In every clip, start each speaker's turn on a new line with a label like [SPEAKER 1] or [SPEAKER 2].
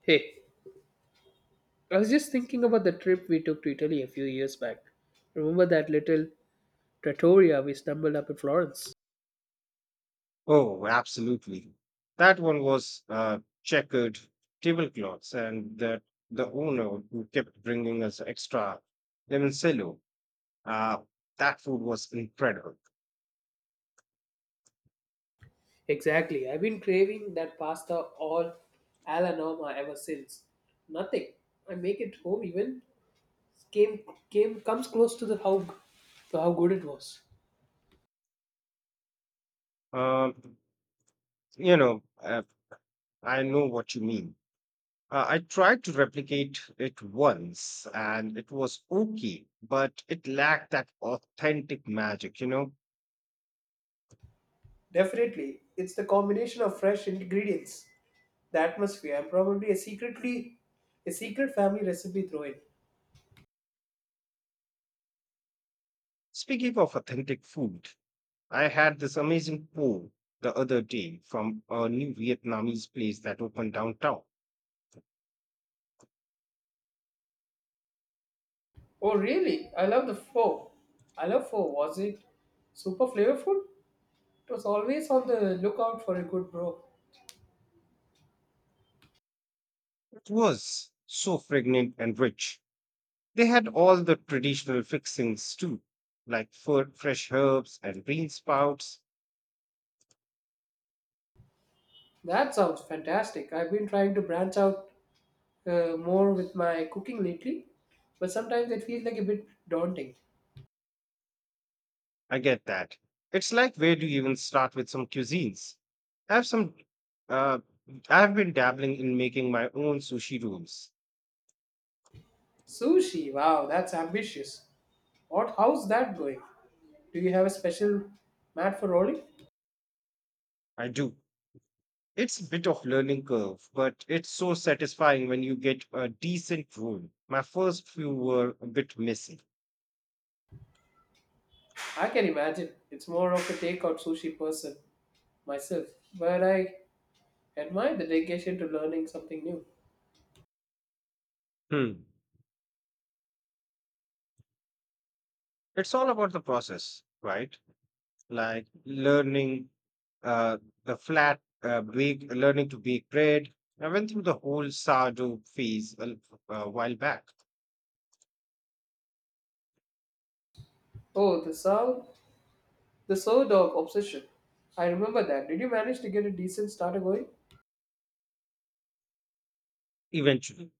[SPEAKER 1] Hey, I was just thinking about the trip we took to Italy a few years back. Remember that little trattoria we stumbled up in Florence?
[SPEAKER 2] Oh, absolutely. That one was checkered tablecloths, and the owner who kept bringing us extra limoncello. Uh, that food was incredible.
[SPEAKER 1] Exactly. I've been craving that pasta alla norma ever since. Nothing. I make it home even came came comes close to how good it was.
[SPEAKER 2] Um, you know, uh, I know what you mean. I tried to replicate it once, and it was okay, but it lacked that authentic magic.
[SPEAKER 1] Definitely, it's the combination of fresh ingredients, the atmosphere, and probably a secret family recipe thrown in.
[SPEAKER 2] Speaking of authentic food, I had this amazing pho the other day from a new Vietnamese place that opened downtown.
[SPEAKER 1] Oh, really? I love the pho. I love pho. Was it super flavorful? It was always on the lookout for a good bro.
[SPEAKER 2] It was so fragrant and rich. They had all the traditional fixings too, like fresh herbs and bean sprouts.
[SPEAKER 1] That sounds fantastic. I've been trying to branch out more with my cooking lately, but sometimes it feels like a bit daunting.
[SPEAKER 2] I get that. It's like where do you even start with some cuisines? I have some. Uh, I've been dabbling in making my own sushi rolls.
[SPEAKER 1] Sushi, wow, that's ambitious. What? How's that going? Do you have a special mat for rolling?
[SPEAKER 2] I do. It's a bit of learning curve, but it's so satisfying when you get a decent rule. My first few were a bit messy.
[SPEAKER 1] I can imagine. It's more of a takeout sushi person myself, but I admire the dedication to learning something new.
[SPEAKER 2] Hmm. It's all about the process, right? Like learning uh, learning to bake bread. I went through the whole sourdough phase a while back.
[SPEAKER 1] Oh, the slow dog obsession. I remember that. Did you manage to get a decent starter going?
[SPEAKER 2] Eventually,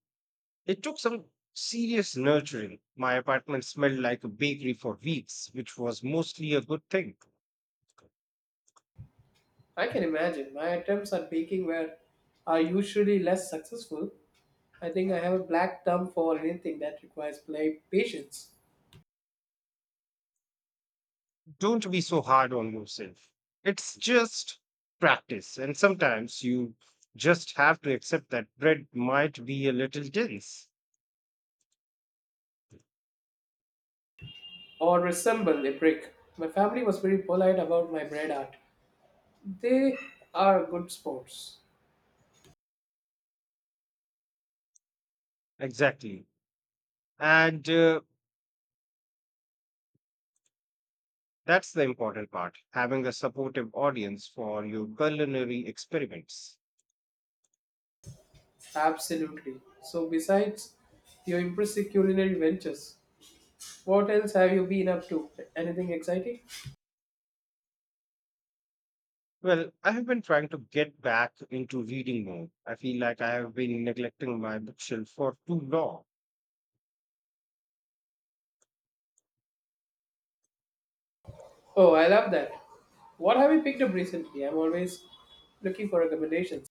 [SPEAKER 2] it took some serious nurturing. My apartment smelled like a bakery for weeks, which was mostly a good thing.
[SPEAKER 1] I can imagine. My attempts at baking were are usually less successful. I think I have a black thumb for anything that requires play patience,
[SPEAKER 2] Don't be so hard on yourself. It's just practice, and sometimes you just have to accept that bread might be a little dense.
[SPEAKER 1] or resemble a brick. My family was very polite about my bread art. They are good sports.
[SPEAKER 2] Exactly. And that's the important part having a supportive audience for your culinary experiments.
[SPEAKER 1] Absolutely. So besides your impressive culinary ventures, what else have you been up to? Anything exciting?
[SPEAKER 2] Well, I have been trying to get back into reading more. I feel like I have been neglecting my bookshelf for too long.
[SPEAKER 1] Oh, I love that. What have you picked up recently? I'm always looking for recommendations.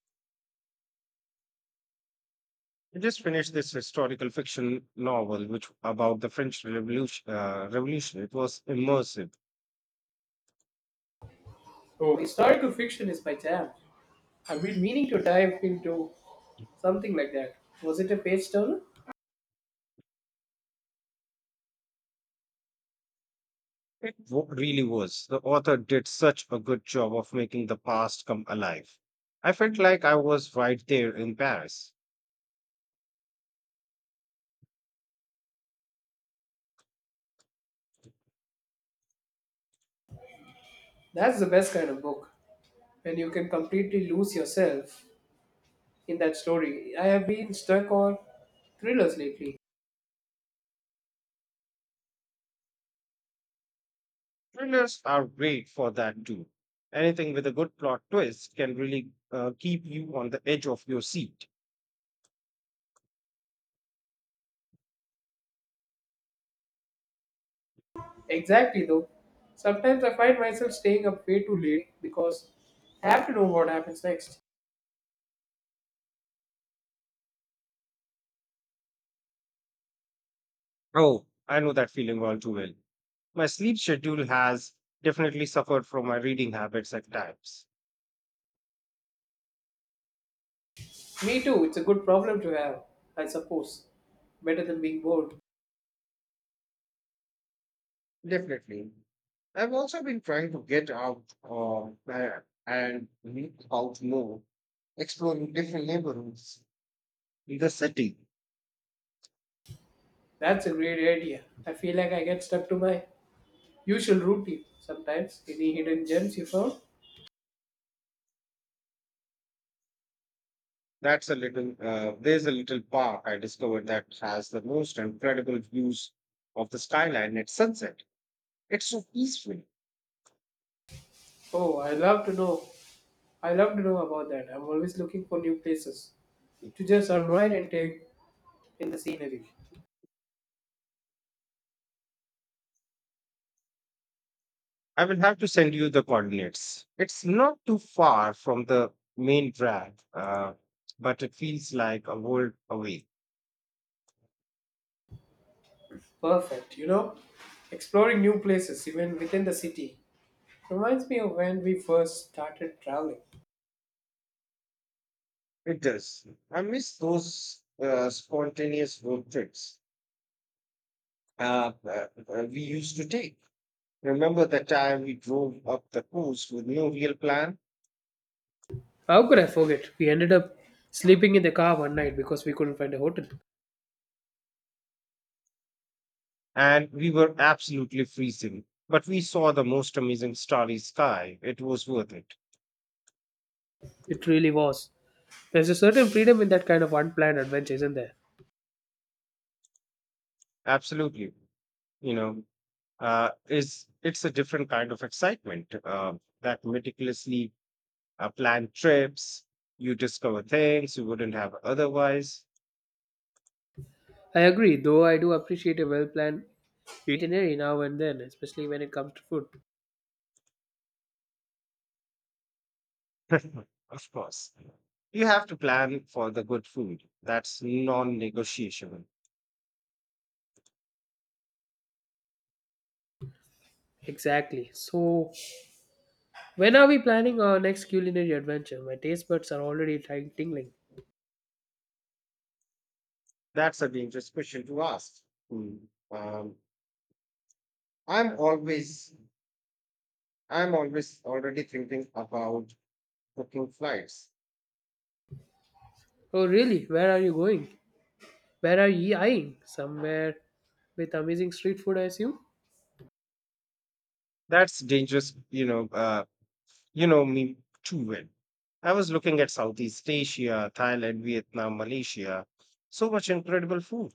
[SPEAKER 2] I just finished this historical fiction novel, which about the French Revolution. Revolution. It was immersive.
[SPEAKER 1] Oh, historical fiction is my jam. I've been meaning to dive into something like that. Was it a page turner?
[SPEAKER 2] Really was. The author did such a good job of making the past come alive. I felt like I was right there in Paris.
[SPEAKER 1] That's the best kind of book when you can completely lose yourself in that story. I have been stuck on thrillers lately.
[SPEAKER 2] Thrillers are great for that too. Anything with a good plot twist can really keep you on the edge of your seat.
[SPEAKER 1] Exactly though. Sometimes I find myself staying up way too late because I have to know what happens next.
[SPEAKER 2] Oh, I know that feeling all too well. My sleep schedule has definitely suffered from my reading habits at times.
[SPEAKER 1] Me too. It's a good problem to have, I suppose. Better than being bored.
[SPEAKER 2] Definitely. I've also been trying to get out and meet out more, exploring different neighborhoods in the city.
[SPEAKER 1] That's a great idea. I feel like I get stuck to my usual routine sometimes. Any hidden gems you found?
[SPEAKER 2] That's a little, there's a little park I discovered that has the most incredible views of the skyline at sunset. It's so peaceful.
[SPEAKER 1] Oh, I love to know about that. I'm always looking for new places to just unwind and take in the scenery.
[SPEAKER 2] I will have to send you the coordinates. It's not too far from the main drag, but it feels like a world away.
[SPEAKER 1] Perfect. Exploring new places even within the city reminds me of when we first started traveling.
[SPEAKER 2] It does. I miss those spontaneous road trips we used to take. Remember the time we drove up the coast with no real plan?
[SPEAKER 1] How could I forget? We ended up sleeping in the car one night because we couldn't find a hotel.
[SPEAKER 2] And we were absolutely freezing, but we saw the most amazing starry sky. It was worth it.
[SPEAKER 1] It really was. There's a certain freedom in that kind of unplanned adventure, isn't there?
[SPEAKER 2] Absolutely. You know, is it's a different kind of excitement. That meticulously planned trips, you discover things you wouldn't have otherwise.
[SPEAKER 1] I agree, though I do appreciate a well planned itinerary now and then, especially when it comes to food.
[SPEAKER 2] Of course, you have to plan for the good food. That's non-negotiable.
[SPEAKER 1] Exactly. So, when are we planning our next culinary adventure? My taste buds are already tingling.
[SPEAKER 2] That's a dangerous question to ask. Hmm. Um, I'm always, I'm always already thinking about booking flights.
[SPEAKER 1] Oh, really? Where are you going? Where are ye eyeing? Somewhere with amazing street food, I assume?
[SPEAKER 2] That's dangerous. You know me too well. I was looking at Southeast Asia, Thailand, Vietnam, Malaysia. So much incredible food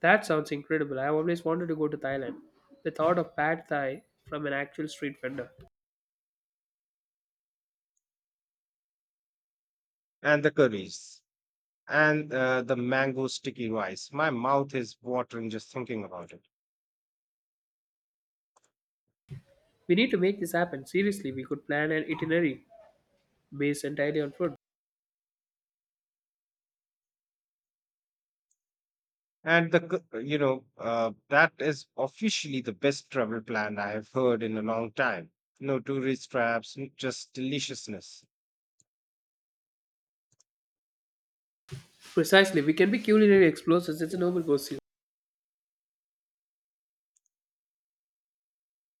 [SPEAKER 1] That sounds incredible. I've always wanted to go to Thailand. The thought of pad thai from an actual street vendor.
[SPEAKER 2] and the curries and the mango sticky rice. My mouth is watering just thinking about it.
[SPEAKER 1] We need to make this happen. Seriously, we could plan an itinerary based entirely on food.
[SPEAKER 2] And the cu- you know that is officially the best travel plan I have heard in a long time. No tourist traps, just deliciousness.
[SPEAKER 1] Precisely, we can be culinary explorers. It's a noble pursuit.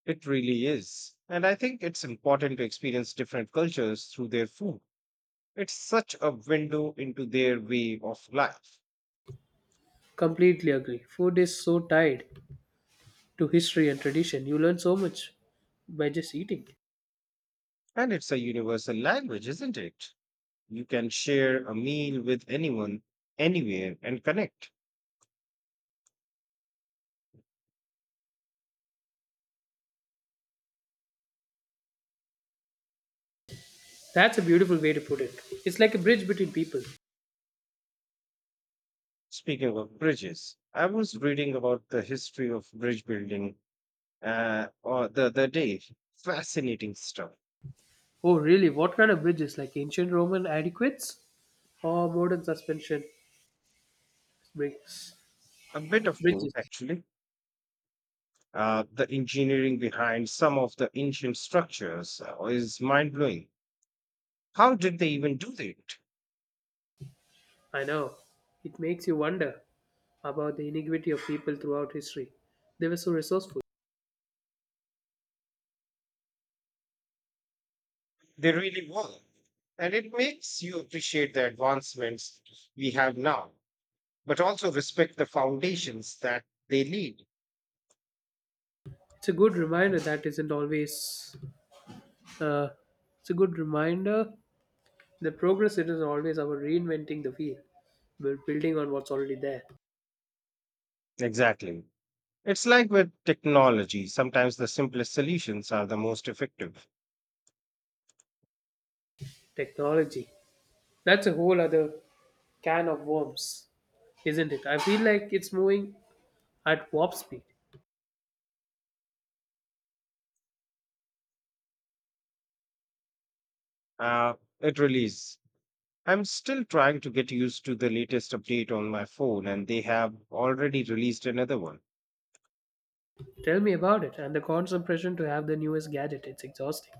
[SPEAKER 2] It really is. And I think it's important to experience different cultures through their food. It's such a window into their way of life.
[SPEAKER 1] Completely agree. Food is so tied to history and tradition. You learn so much by just eating.
[SPEAKER 2] And it's a universal language, isn't it? You can share a meal with anyone, anywhere, and connect.
[SPEAKER 1] That's a beautiful way to put it. It's like a bridge between people.
[SPEAKER 2] Speaking of bridges, I was reading about the history of bridge building or the other day. Fascinating stuff.
[SPEAKER 1] Oh, really? What kind of bridges? Like ancient Roman adequates or modern suspension bricks?
[SPEAKER 2] A bit of both,
[SPEAKER 1] Bridges.
[SPEAKER 2] actually. The engineering behind some of the ancient structures is mind blowing. How did they even do that?
[SPEAKER 1] I know. It makes you wonder about the iniquity of people throughout history. They were so resourceful.
[SPEAKER 2] They really were. And it makes you appreciate the advancements we have now, but also respect the foundations that they lead.
[SPEAKER 1] It's a good reminder that isn't always. Uh, it's a good reminder. The progress, it is always about reinventing the wheel. We're building on what's already there.
[SPEAKER 2] Exactly. It's like with technology, sometimes the simplest solutions are the most effective.
[SPEAKER 1] Technology. That's a whole other can of worms, isn't it? I feel like it's moving at warp speed.
[SPEAKER 2] Uh, it release. I'm still trying to get used to the latest update on my phone, and they have already released another one.
[SPEAKER 1] Tell me about it, and the constant pressure to have the newest gadget. It's exhausting.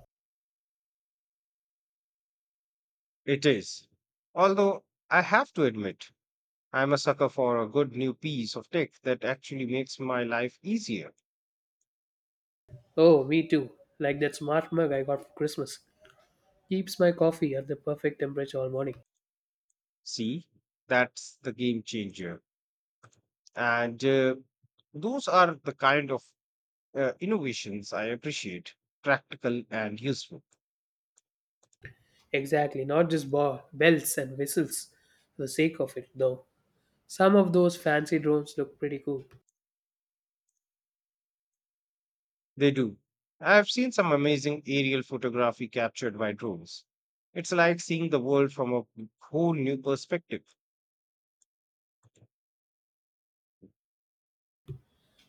[SPEAKER 2] It is. Although I have to admit, I'm a sucker for a good new piece of tech that actually makes my life easier.
[SPEAKER 1] Oh, me too. Like that smart mug I got for Christmas. Keeps my coffee at the perfect temperature all morning.
[SPEAKER 2] See, that's the game changer. And those are the kind of innovations I appreciate practical and useful.
[SPEAKER 1] Exactly, not just bells and whistles for the sake of it, though. Some of those fancy drones look pretty cool.
[SPEAKER 2] They do. I've seen some amazing aerial photography captured by drones. It's like seeing the world from a whole new perspective.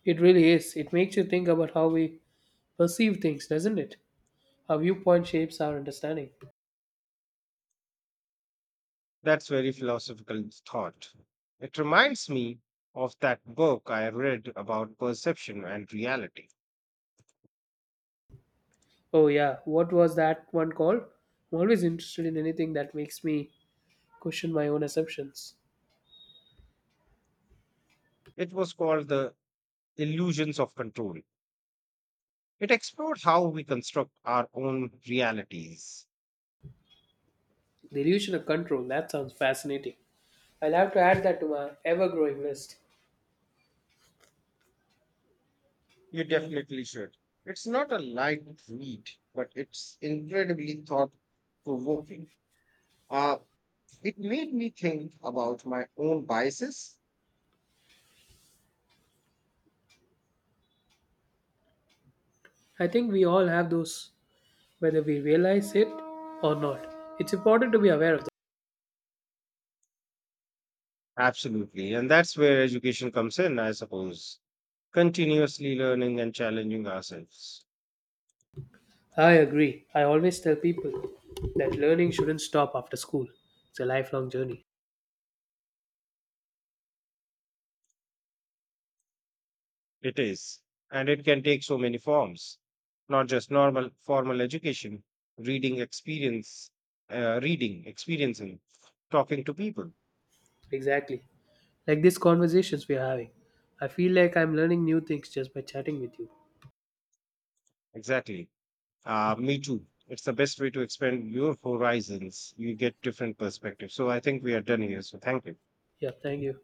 [SPEAKER 1] It really is. It makes you think about how we perceive things, doesn't it? Our viewpoint shapes our understanding.
[SPEAKER 2] That's very philosophical thought. It reminds me of that book I read about perception and reality.
[SPEAKER 1] Oh, yeah. What was that one called? I'm always interested in anything that makes me question my own assumptions.
[SPEAKER 2] It was called The Illusions of Control. It explored how we construct our own realities.
[SPEAKER 1] The illusion of control. That sounds fascinating. I'll have to add that to my ever growing list.
[SPEAKER 2] You definitely should. It's not a light read, but it's incredibly thought provoking. Uh, it made me think about my own biases.
[SPEAKER 1] I think we all have those, whether we realize it or not. It's important to be aware of that.
[SPEAKER 2] Absolutely. And that's where education comes in, I suppose. Continuously learning and challenging ourselves.
[SPEAKER 1] I agree. I always tell people that learning shouldn't stop after school. It's a lifelong journey.
[SPEAKER 2] It is. And it can take so many forms, not just normal formal education, reading experience, reading, experiencing, talking to people.
[SPEAKER 1] Exactly. Like these conversations we're having. I feel like I'm learning new things just by chatting with you.
[SPEAKER 2] Exactly. Me too. It's the best way to expand your horizons. You get different perspectives. So I think we are done here. So thank you.
[SPEAKER 1] Yeah, thank you.